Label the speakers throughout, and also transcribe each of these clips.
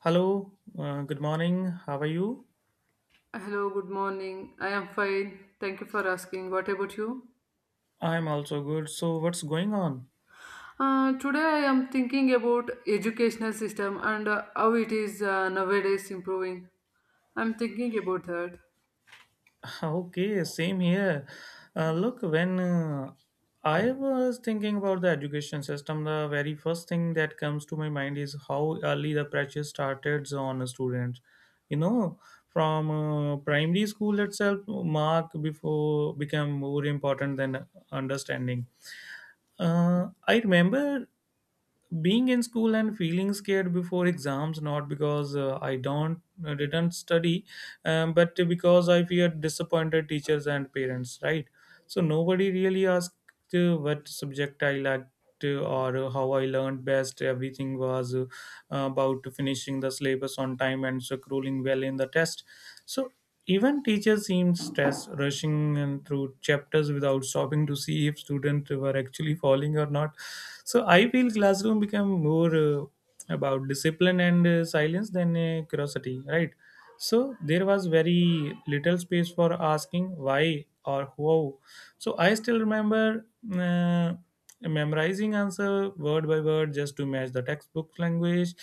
Speaker 1: Hello, good morning. How are you?
Speaker 2: Hello, good morning. I am fine. Thank you for asking. What about you?
Speaker 1: I'm also good. So, what's going on?
Speaker 2: Today I am thinking about educational system and how it is nowadays improving. I'm thinking about that.
Speaker 1: Okay, same here. Look, when I was thinking about the education system, the very first thing that comes to my mind is how early the pressure started on students. You know, from primary school itself, mark before became more important than understanding. I remember being in school and feeling scared before exams, not because I don't didn't study, but because I feared disappointed teachers and parents, right? So nobody really asked what subject I liked, or how I learned best. Everything was about finishing the syllabus on time and scrolling well in the test. So even teachers seemed stressed, rushing and through chapters without stopping to see if students were actually falling or not. So I feel classroom became more about discipline and silence than curiosity, right? So there was very little space for asking why or how. So I still remember uh, memorizing answer word by word just to match the textbook language.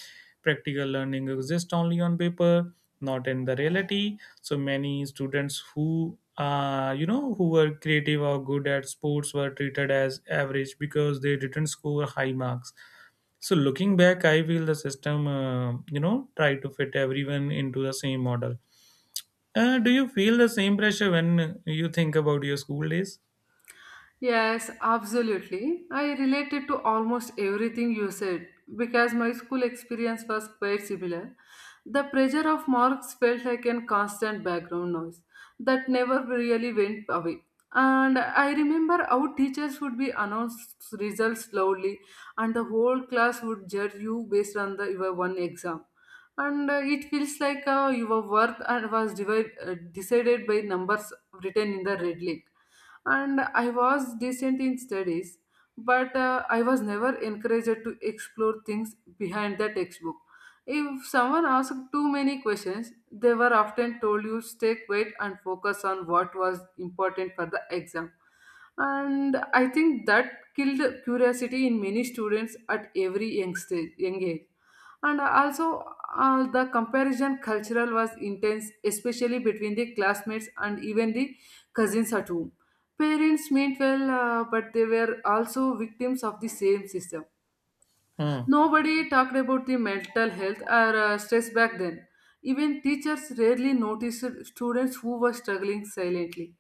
Speaker 1: Practical learning exists only on paper, not in the reality. So many students who who were creative or good at sports were treated as average because they didn't score high marks. So looking back, I feel the system, try to fit everyone into the same model. Do you feel the same pressure when you think about your school days?
Speaker 2: Yes, absolutely. I related to almost everything you said because my school experience was quite similar. The pressure of marks felt like a constant background noise that never really went away. And I remember how teachers would be announced results loudly, and the whole class would judge you based on your one exam. And it feels like your worth and was divided, decided by numbers written in the red link, and I was decent in studies, but I was never encouraged to explore things behind the textbook. If someone asked too many questions, they were often told you stay quiet and focus on what was important for the exam. And I think that killed curiosity in many students at young age. And also, the comparison cultural was intense, especially between the classmates and even the cousins at home. Parents meant well, but they were also victims of the same system.
Speaker 1: Hmm.
Speaker 2: Nobody talked about the mental health or stress back then. Even teachers rarely noticed students who were struggling silently.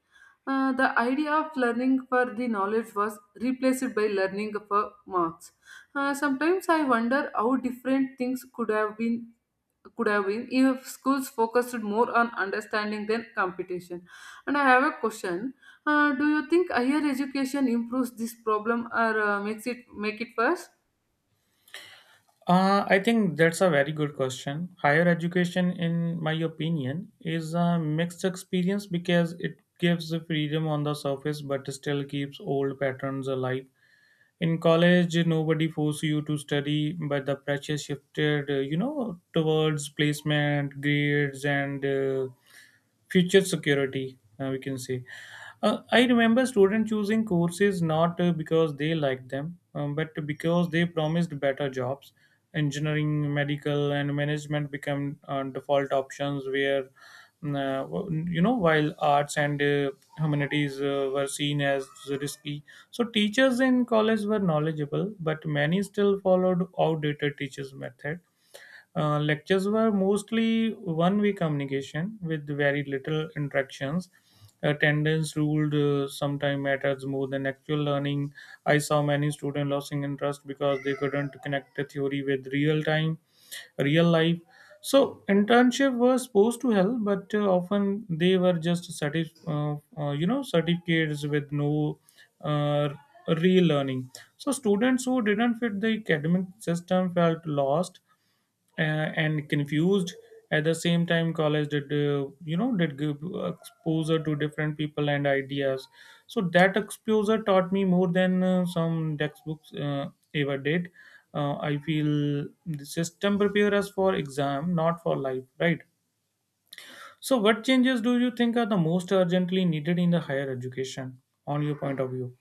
Speaker 2: The idea of learning for the knowledge was replaced by learning for marks. Sometimes I wonder how different things could have been if schools focused more on understanding than competition. And I have a question: Do you think higher education improves this problem or makes it worse?
Speaker 1: I think that's a very good question. Higher education, in my opinion, is a mixed experience because it gives the freedom on the surface but still keeps old patterns alive. In college, nobody forced you to study, but the pressure shifted, towards placement, grades, and future security, we can say. I remember students choosing courses not because they liked them, but because they promised better jobs. Engineering, medical, and management become default options where, mm, uh, while arts and humanities were seen as risky. So, teachers in college were knowledgeable, but many still followed outdated teachers' method. Lectures were mostly one way communication with very little interactions. Attendance ruled, sometimes matters more than actual learning. I saw many students losing interest because they couldn't connect the theory with real time, real life. So internship was supposed to help, but often they were just certificates with no uh, real learning. So students who didn't fit the academic system felt lost uh, and confused. At the same time, college did, did give exposure to different people and ideas. So that exposure taught me more than some textbooks ever did. I feel the system prepare us for exam, not for life, right? So what changes do you think are the most urgently needed in the higher education, on your point of view?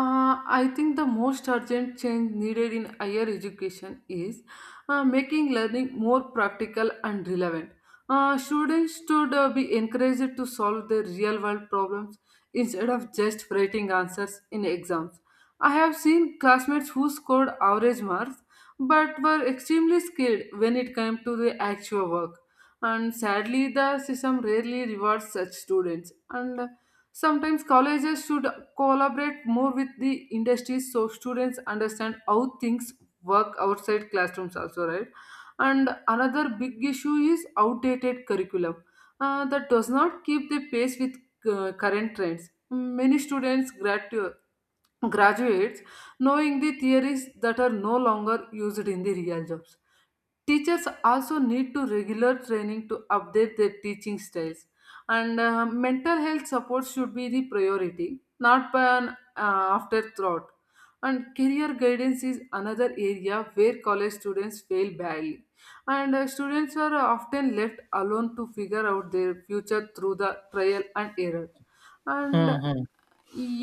Speaker 2: I think the most urgent change needed in higher education is making learning more practical and relevant. Students should be encouraged to solve their real world problems instead of just writing answers in exams. I have seen classmates who scored average marks but were extremely skilled when it came to the actual work. And sadly, the system rarely rewards such students. And sometimes colleges should collaborate more with the industries so students understand how things work outside classrooms also, right? And another big issue is outdated curriculum that does not keep the pace with current trends. Many students graduates knowing the theories that are no longer used in the real jobs. Teachers also need to regular training to update their teaching styles, and mental health support should be the priority, not an afterthought. And career guidance is another area where college students fail badly, and students are often left alone to figure out their future through the trial and error. And
Speaker 1: hmm hmm,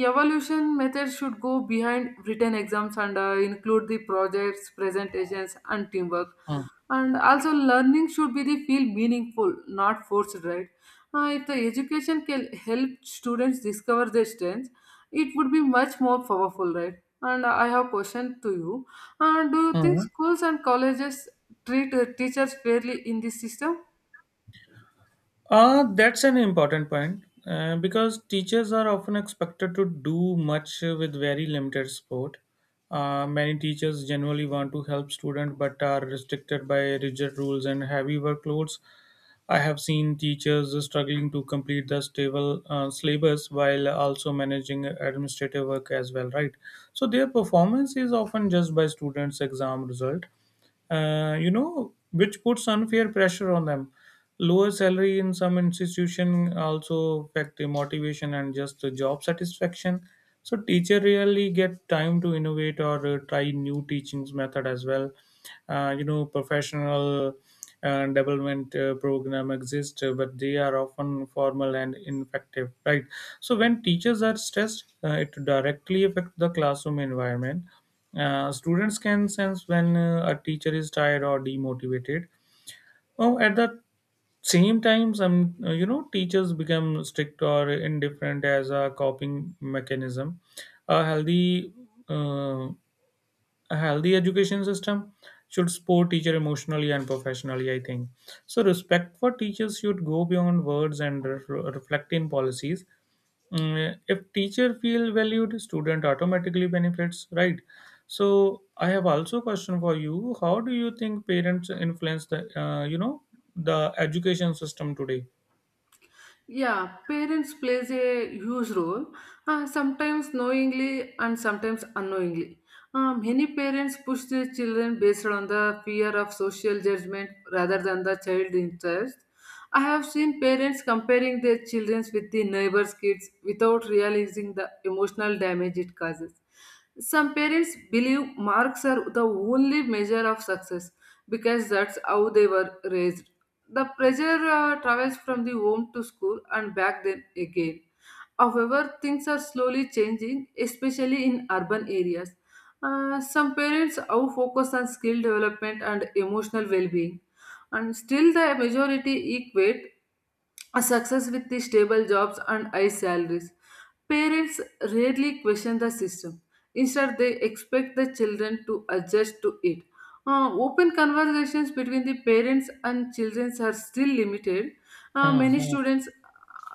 Speaker 2: evaluation methods should go behind written exams and include the projects, presentations and teamwork.
Speaker 1: hmm,
Speaker 2: And also, learning should be the feel meaningful, not forced, right? If the education can help students discover their strengths, it would be much more powerful, right? And I have a question to you. Do you think
Speaker 1: hmm.
Speaker 2: schools and colleges treat teachers fairly in this system?
Speaker 1: That's an important point, because teachers are often expected to do much with very limited support. Many teachers generally want to help students but are restricted by rigid rules and heavy workloads. I have seen teachers struggling to complete the stable syllabus while also managing administrative work as well, right? So their performance is often judged by students' exam result, which puts unfair pressure on them. Lower salary in some institution also affect the motivation and just the job satisfaction. So teacher really get time to innovate or try new teachings method as well. Professional development program exist, but they are often formal and ineffective, right? So when teachers are stressed, it directly affects the classroom environment. Students can sense when a teacher is tired or demotivated. Oh, at the same time, some, teachers become strict or indifferent as a coping mechanism. a healthy uh, a healthy education system should support teacher emotionally and professionally, I think. So respect for teachers should go beyond words and reflect in policies. Mm, if teacher feel valued, student automatically benefits, right? So I have also a question for you. How do you think parents influence the, the education system today?
Speaker 2: Yeah, parents plays a huge role, sometimes knowingly and sometimes unknowingly. Many parents push their children based on the fear of social judgment rather than the child interest. I have seen parents comparing their children with the neighbor's kids without realizing the emotional damage it causes. Some parents believe marks are the only measure of success because that's how they were raised. The pressure travels from the home to school and back then again. However, things are slowly changing, especially in urban areas. Some parents are focused on skill development and emotional well being, and still, the majority equate a success with the stable jobs and high salaries. Parents rarely question the system. Instead, they expect the children to adjust to it. Open conversations between the parents and children are still limited. Uh,
Speaker 1: hmm,
Speaker 2: many
Speaker 1: hmm,
Speaker 2: students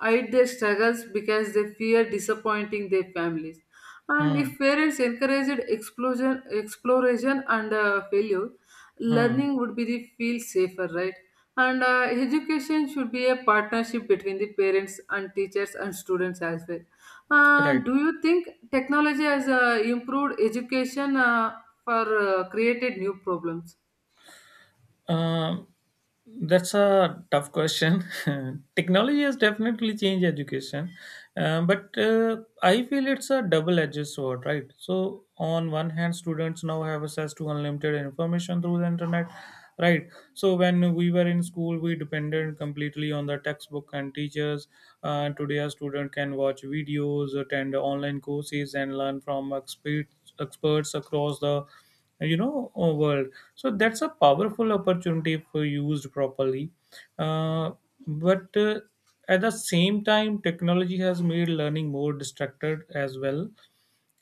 Speaker 2: hide their struggles because they fear disappointing their families. And
Speaker 1: hmm,
Speaker 2: if parents encouraged exploration and failure,
Speaker 1: hmm.
Speaker 2: learning would be the feel safer, right? And education should be a partnership between the parents and teachers and students as well. Uh,
Speaker 1: Right.
Speaker 2: do you think technology has improved education for created new problems?
Speaker 1: Um, that's a tough question. Technology has definitely changed education, but I feel it's a double-edged sword, right? So, on one hand, students now have access to unlimited information through the internet, right? So, when we were in school, we depended completely on the textbook and teachers. Today, a student can watch videos, attend online courses, and learn from experts across the world. So that's a powerful opportunity if used properly. Uh, but At the same time, technology has made learning more distracted as well.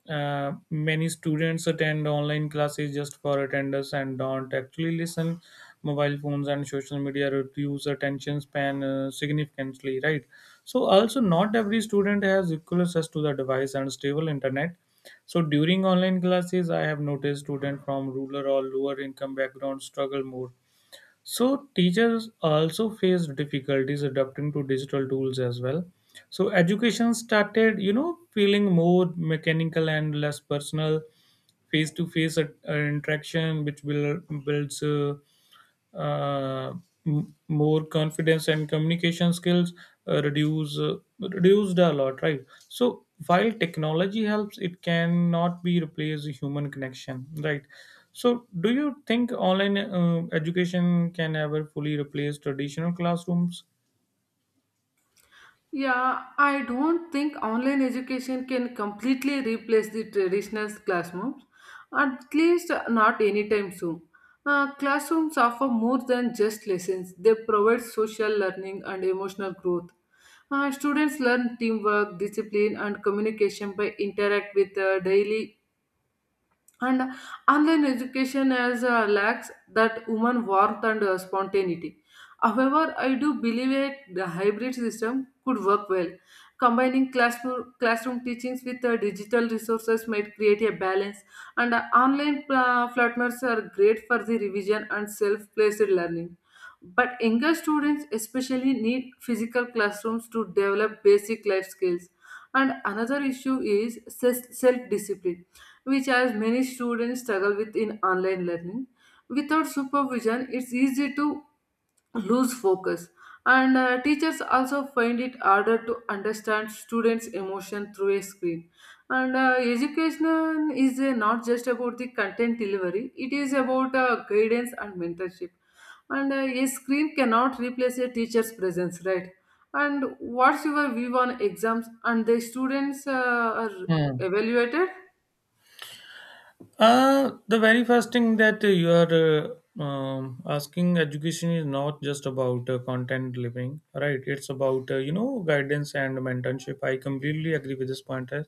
Speaker 1: Many students attend online classes just for attendance and don't actually listen. Mobile phones and social media reduce attention span significantly, right? So, also, not every student has equal access to the device and stable internet. So, during online classes, I have noticed students from rural or lower income backgrounds struggle more. So teachers also faced difficulties adapting to digital tools as well. So education started, you know, feeling more mechanical and less personal. Face to face interaction, which will builds uh, more confidence and communication skills reduced a lot, right? So while technology helps, it cannot be replaced human connection, right? So do you think online education can ever fully replace traditional classrooms?
Speaker 2: Yeah, I don't think online education can completely replace the traditional classrooms, at least not anytime soon. Classrooms offer more than just lessons, they provide social learning and emotional growth. Students learn teamwork, discipline, and communication by interact with daily, and online education has lacks that human warmth and spontaneity. However, I do believe that the hybrid system could work well. Combining classroom teachings with digital resources might create a balance, and online partners are great for the revision and self-placed learning. But younger students especially need physical classrooms to develop basic life skills. And another issue is self discipline, which as many students struggle with in online learning. Without supervision, it's easy to lose focus, and teachers also find it harder to understand students emotion through a screen. And education is not just about the content delivery, it is about guidance and mentorship. And a screen cannot replace a teacher's presence, right? And what's your view on exams and the students are
Speaker 1: Hmm.
Speaker 2: evaluated?
Speaker 1: The very first thing that you are asking, education is not just about content living, right? It's about, guidance and mentorship. I completely agree with this point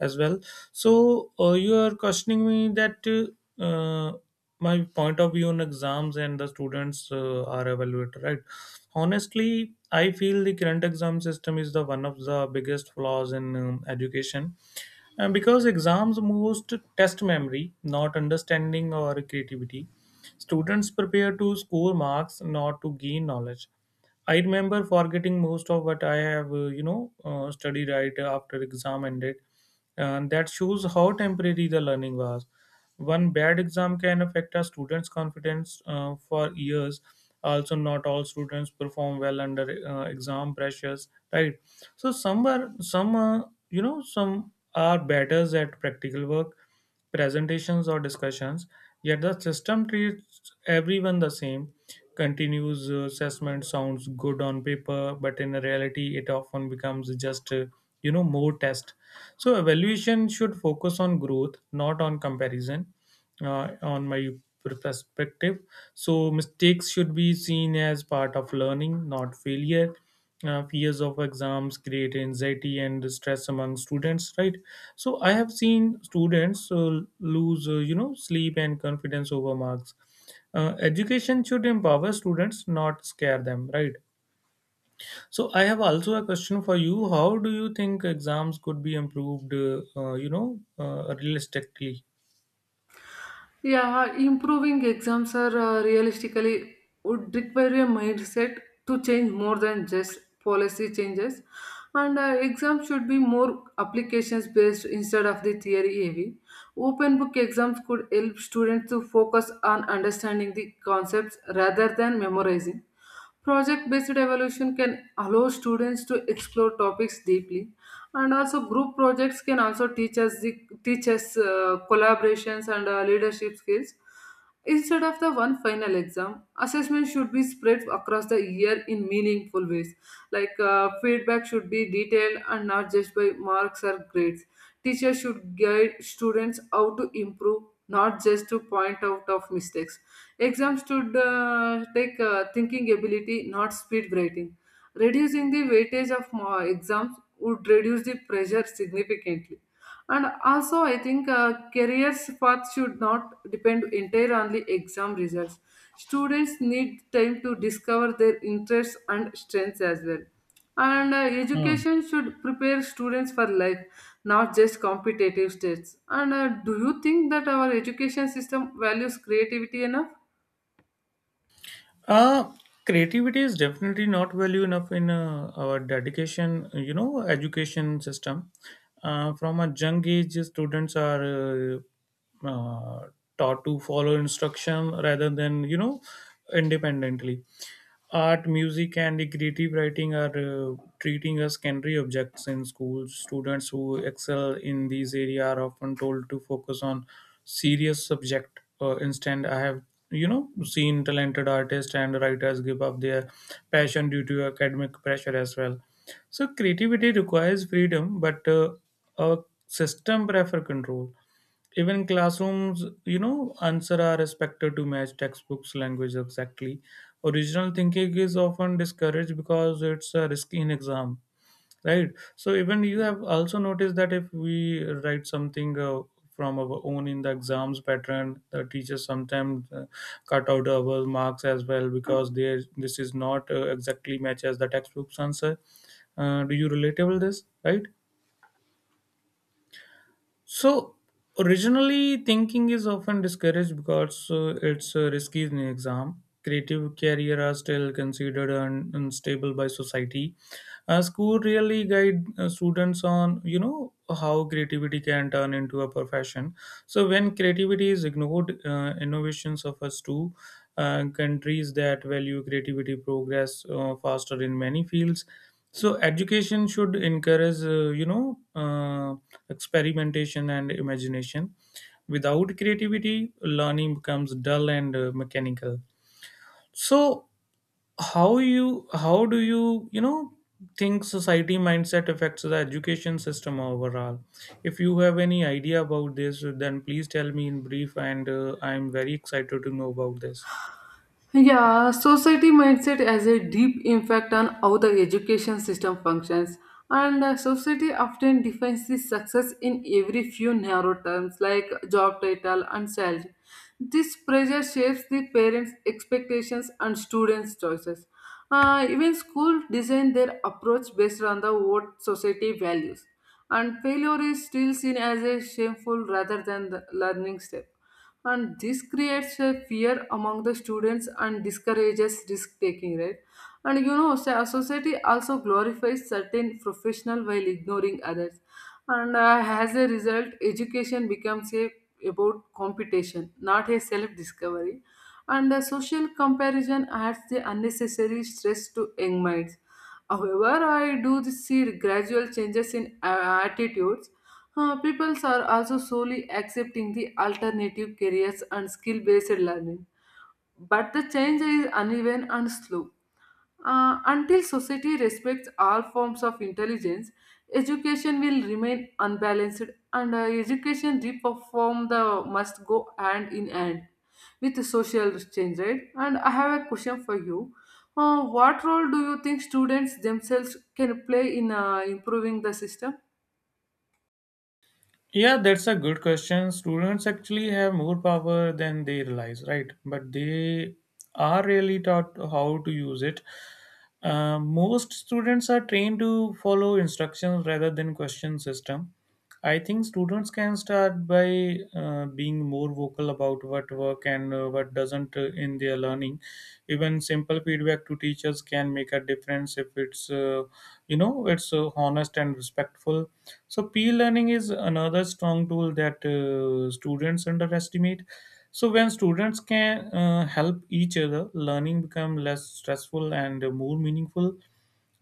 Speaker 1: as well. So, you are questioning me that my point of view on exams and the students are evaluated, right? Honestly, I feel the current exam system is the one of the biggest flaws in education, and because exams most test memory, not understanding or creativity, students prepare to score marks, not to gain knowledge. I remember forgetting most of what I have, studied right after exam ended. And that shows how temporary the learning was. One bad exam can affect a student's confidence for years. Also, not all students perform well under exam pressures, right? So some are some you know some are better at practical work, presentations or discussions. Yet the system treats everyone the same. Continuous assessment sounds good on paper, but in reality, it often becomes just, more test. So evaluation should focus on growth, not on comparison, on my perspective. So mistakes should be seen as part of learning, not failure. Fears of exams create anxiety and stress among students, right? So I have seen students lose, sleep and confidence over marks. Education should empower students, not scare them, right? So I have also a question for you. How do you think exams could be improved, realistically?
Speaker 2: Yeah, improving exams are realistically would require a mindset to change more than just policy changes, and exams should be more applications based instead of the theory heavy. Open book exams could help students to focus on understanding the concepts rather than memorizing. Project based evaluation can allow students to explore topics deeply, and also group projects can also teach us collaborations and leadership skills. Instead of the one final exam, assessment should be spread across the year in meaningful ways. Like feedback should be detailed and not just by marks or grades. Teachers should guide students how to improve, not just to point out of mistakes. Exams should take thinking ability, not speed writing. Reducing the weightage of exams would reduce the pressure significantly. And also, I think careers path should not depend entirely on the exam results. Students need time to discover their interests and strengths as well. And
Speaker 1: Hmm.
Speaker 2: education should prepare students for life, not just competitive tests. And do you think that our education system values creativity enough?
Speaker 1: Uh, Creativity is definitely not value enough in our dedication, you know, education system. From a young age, students are uh, uh, taught to follow instruction rather than, you know, independently. Art, music, and the creative writing are treating as secondary objects in schools. Students who excel in these areas are often told to focus on serious subject. Instead, I have, seen talented artists and writers give up their passion due to academic pressure as well. So creativity requires freedom, but our system prefer control. Even in classrooms, you know, answer are expected to match textbooks language exactly. Original thinking is often discouraged because it's a risky in exam, right? So even you have also noticed that if we write something from our own in the exams pattern, the teachers sometimes cut out our marks as well, because they this is not exactly match as the textbook's answer. Do you relatable this, right? So, originally thinking is often discouraged because it's a risky in exam. Creative career are still considered unstable by society. School really guide students on, you know, how creativity can turn into a profession. So when creativity is ignored, innovation suffers too. Countries that value creativity progress faster in many fields. So education should encourage, experimentation and imagination. Without creativity, learning becomes dull and mechanical. So how do you, you know, think society mindset affects the education system overall? If you have any idea about this, then please tell me in brief, and I'm very excited to know about this.
Speaker 2: Yeah, society mindset has a deep impact on how the education system functions, and society often defines the success in every few narrow terms like job title and salary. This pressure shapes the parents' expectations and students' choices. Even school design their approach based on the what society values, and failure is still seen as a shameful rather than the learning step. And this creates a fear among the students and discourages risk taking, right? And you know, society also glorifies certain professional while ignoring others. And as a result, education becomes a about competition, not a self discovery. And social comparison adds the unnecessary stress to young minds. However, I do see gradual changes in attitudes. People are also slowly accepting the alternative careers and skill based learning, but the change is uneven and slow. Until society respects all forms of intelligence, education will remain unbalanced. And education reform the must go hand in hand with the social change, right? And I have a question for you. What role do you think students themselves can play in improving the system?
Speaker 1: Yeah, that's a good question. Students actually have more power than they realize, right? But they are really taught how to use it. Most students are trained to follow instructions rather than question system. I think students can start by being more vocal about what work and what doesn't in their learning. Even simple feedback to teachers can make a difference if it's you know it's honest and respectful. So peer learning is another strong tool that students underestimate. So when students can help each other, learning become less stressful and more meaningful.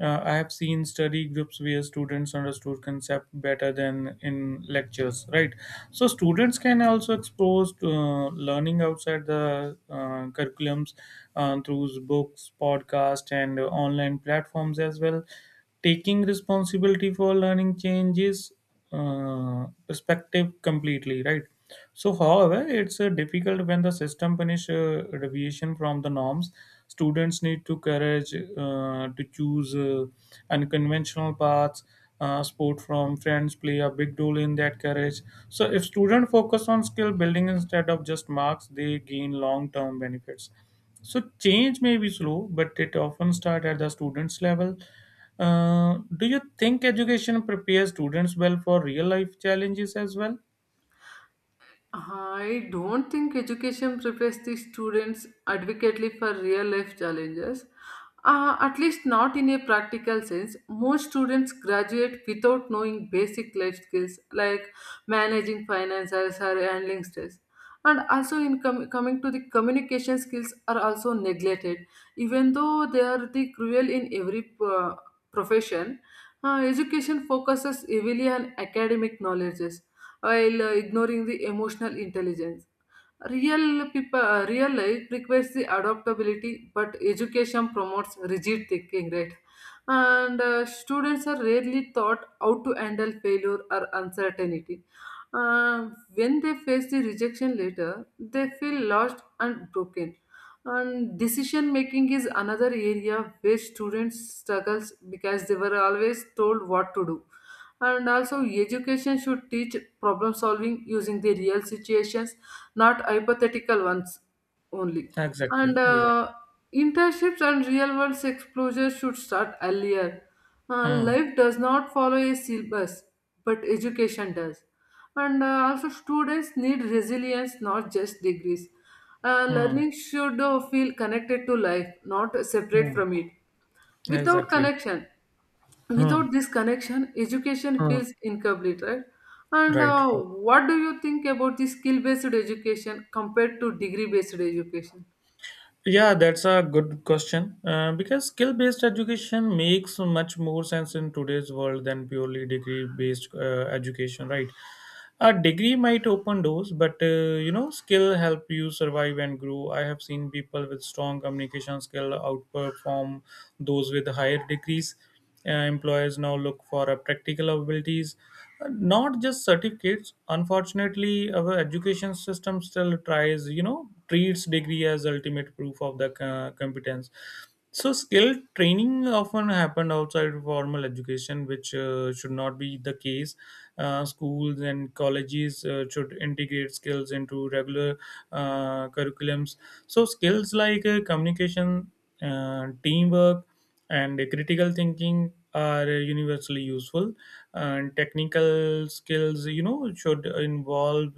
Speaker 1: I have seen study groups where students understood concept better than in lectures, right? So students can also expose to, learning outside the curriculums through books, podcasts, and online platforms as well. Taking responsibility for learning changes perspective completely, right. So however, it's difficult when the system punish deviation from the norms, students need to courage to choose unconventional paths. Support from friends play a big role in that courage. So if students focus on skill building instead of just marks, they gain long term benefits. So change may be slow, but it often starts at the students' level. Do you think education prepares students well for real life challenges as well?
Speaker 2: I don't think education prepares the students adequately for real life challenges. At least not in a practical sense. Most students graduate without knowing basic life skills like managing finances or handling stress. And also, in coming to the communication skills, are also neglected. Even though they are the cruel in every profession, education focuses heavily on academic knowledge while ignoring the emotional intelligence. Real real life requires the adaptability, but education promotes rigid thinking, right? And students are rarely taught how to handle failure or uncertainty. Uh, when they face the rejection later, they feel lost and broken. And decision making is another area where students struggles because they were always told what to do. And also, education should teach problem solving using the real situations, not hypothetical ones only.
Speaker 1: Exactly.
Speaker 2: And
Speaker 1: Exactly.
Speaker 2: internships and real world exposure should start earlier. Uh,
Speaker 1: Hmm.
Speaker 2: life does not follow a syllabus, but education does. And also, students need resilience, not just degrees. Uh,
Speaker 1: Hmm.
Speaker 2: learning should feel connected to life, not separate
Speaker 1: Hmm.
Speaker 2: from it. Without
Speaker 1: Exactly.
Speaker 2: connection,
Speaker 1: Hmm.
Speaker 2: without this connection, education
Speaker 1: Hmm.
Speaker 2: feels incomplete, right? And
Speaker 1: Right. Right.
Speaker 2: what do you think about the skill based education compared to degree based education?
Speaker 1: Yeah, that's a good question. Because skill based education makes much more sense in today's world than purely degree based education, right? A degree might open doors, but skill help you survive and grow. I have seen people with strong communication skill outperform those with higher degrees. Employers now look for practical abilities, not just certificates. Unfortunately, our education system still tries, you know, treats degree as ultimate proof of the competence. So skill training often happened outside formal education, which should not be the case. Schools and colleges should integrate skills into regular curriculums. So skills like communication, teamwork, and critical thinking are universally useful. And technical skills, you know, should involve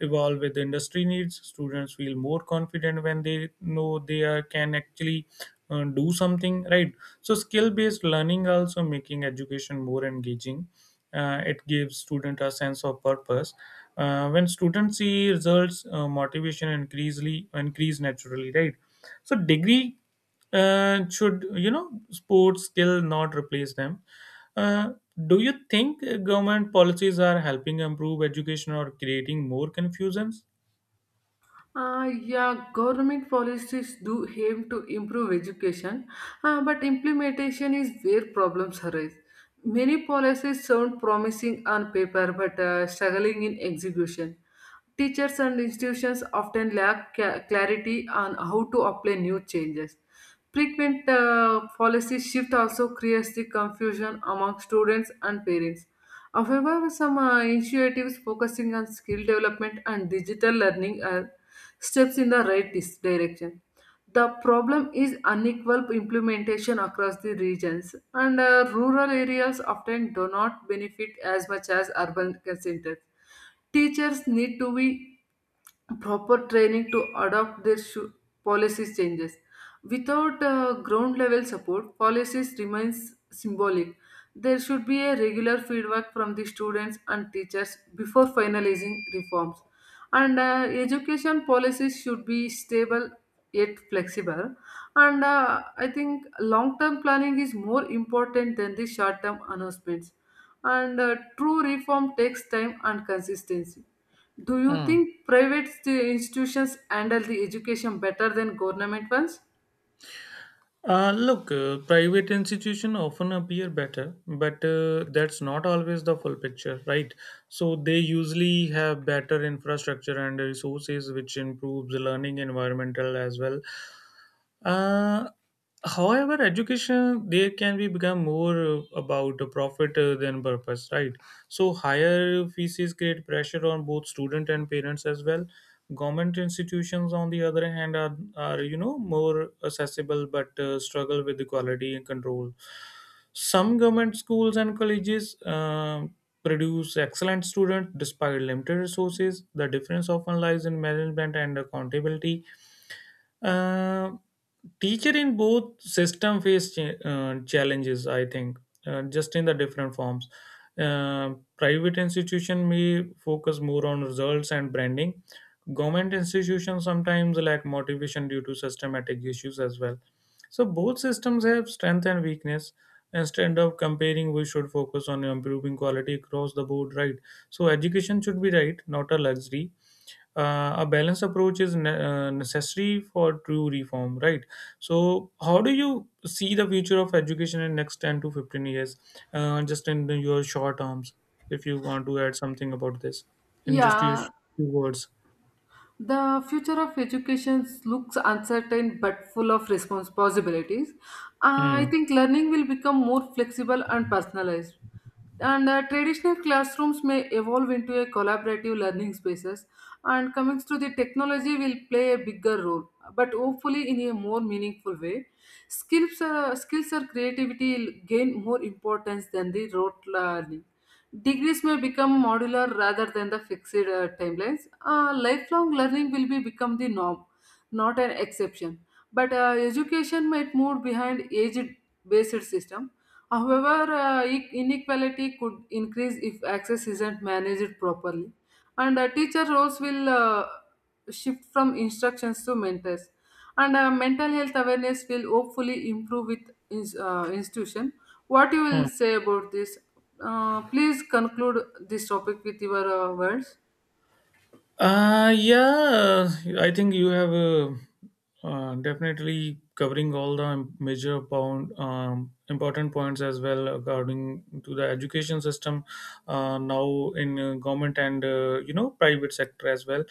Speaker 1: evolve with industry needs. Students feel more confident when they know they are, can actually do something, right? So skill based learning also making education more engaging. It gives student a sense of purpose. When students see results, motivation increasingly increase naturally, right? So, degree and should you know sports still not replace them. uh, do you think government policies are helping improve education or creating more confusions?
Speaker 2: Yeah, government policies do aim to improve education, but implementation is where problems arise. Many policies sound promising on paper but struggling in execution. Teachers and institutions often lack clarity on how to apply new changes. Frequent policy shift also creates the confusion among students and parents. However, some initiatives focusing on skill development and digital learning are steps in the right direction. The problem is unequal implementation across the regions, and rural areas often do not benefit as much as urban centers. Teachers need to be proper training to adopt their policies changes. Without ground level support, policies remains symbolic. There should be a regular feedback from the students and teachers before finalizing reforms. And education policies should be stable yet flexible. And I think long-term planning is more important than the short-term announcements. And true reform takes time and consistency. Do you
Speaker 1: Hmm.
Speaker 2: think private institutions handle the education better than government ones?
Speaker 1: Look, private institutions often appear better, but that's not always the full picture, right? So they usually have better infrastructure and resources, which improves learning environmental as well. Uh, However, education they can be become more about the profit than purpose, right? So higher fees create pressure on both student and parents as well. Government institutions, on the other hand, are you know more accessible but struggle with the quality and control. Some government schools and colleges produce excellent students despite limited resources. The difference often lies in management and accountability. Uh, Teacher in both system face challenges. I think just in the different forms. Private institution may focus more on results and branding. Government institutions sometimes lack motivation due to systematic issues as well. So both systems have strength and weakness. Instead of comparing, we should focus on improving quality across the board, right. So education should be right, not a luxury. A balanced approach is necessary for true reform, right. So how do you see the future of education in next 10 to 15 years, just in your short terms, if you want to add something about this in just your
Speaker 2: Yeah.
Speaker 1: few words?
Speaker 2: The future of education looks uncertain but full of response possibilities. I
Speaker 1: Hmm.
Speaker 2: think learning will become more flexible and personalized. And traditional classrooms may evolve into a collaborative learning spaces. And coming to the technology will play a bigger role, but hopefully in a more meaningful way. Skills or creativity will gain more importance than the rote learning. Degrees may become modular rather than the fixed timelines. Lifelong learning will be become the norm, not an exception. But education might move behind age-based system. However, inequality could increase if access isn't managed properly, and teacher roles will shift from instructions to mentors. And mental health awareness will hopefully improve with institution. What you
Speaker 1: Hmm.
Speaker 2: will say about this? Please conclude this topic with your words.
Speaker 1: Yeah, I think you have definitely covering all the major pound, important points as well according to the education system now in government and private sector as well.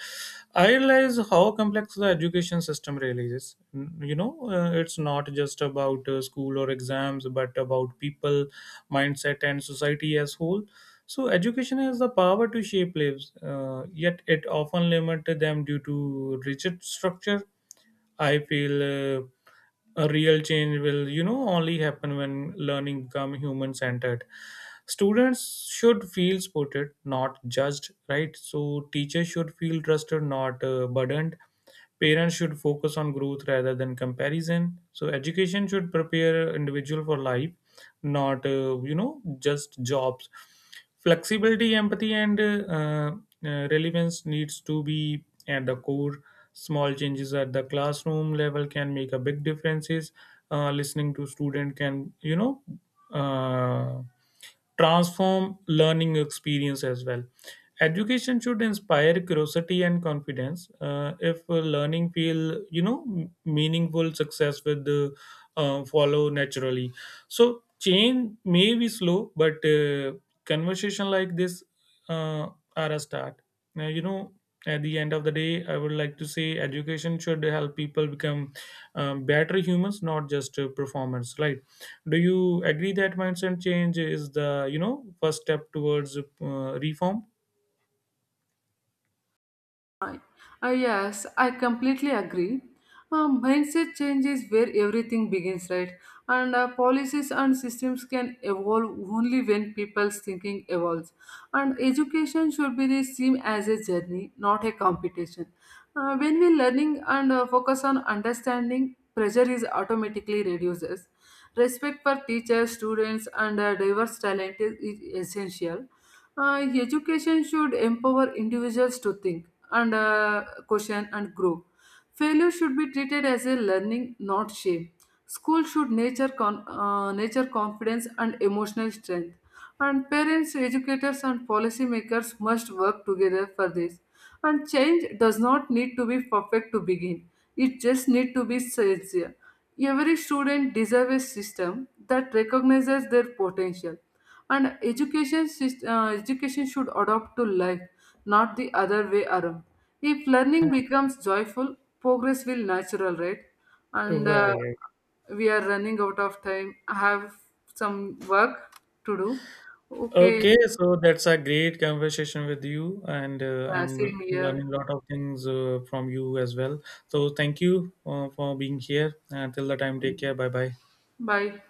Speaker 1: I realize how complex the education system really is. Mm, you know, it's not just about school or exams, but about people, mindset, and society as whole. So education has the power to shape lives, yet it often limits them due to rigid structure. I feel a real change will, you know, only happen when learning become human centered. Students should feel supported, not judged, right? So teachers should feel trusted, not burdened. Parents should focus on growth rather than comparison. So education should prepare individual for life, not just jobs. Flexibility, empathy, and relevance needs to be at the core. Small changes at the classroom level can make a big differences. Listening to student can you know. Uh, Transform learning experience as well. Education should inspire curiosity and confidence. If learning feel you know meaningful, success with the follow naturally. So change may be slow, but conversation like this uh, are a start. Now, you know, at the end of the day, I would like to say education should help people become better humans, not just performers, right. Do you agree that mindset change is the you know first step towards reform?
Speaker 2: Right. Yes, I completely agree. Mindset changes where everything begins, right? And policies and systems can evolve only when people's thinking evolves. And education should be the same as a journey, not a competition. When we learning and focus on understanding, pressure is automatically reduces. Respect for teachers, students, and diverse talent is essential. Education should empower individuals to think and question and grow. Failure should be treated as a learning, not shame. School should nature confidence and emotional strength. And parents, educators, and policymakers must work together for this. And change does not need to be perfect to begin. It just need to be sincere. Every student deserves a system that recognizes their potential, and education education should adopt to life, not the other way around. If learning becomes joyful, progress will natural, right? And
Speaker 1: Right.
Speaker 2: we are running out of time. I have some work to do. Okay.
Speaker 1: Okay, so that's a great conversation with you and
Speaker 2: Yeah,
Speaker 1: I'm
Speaker 2: same here.
Speaker 1: learning a lot of things from you as well. So thank you for being here until the time. Take care. Bye bye.
Speaker 2: Bye.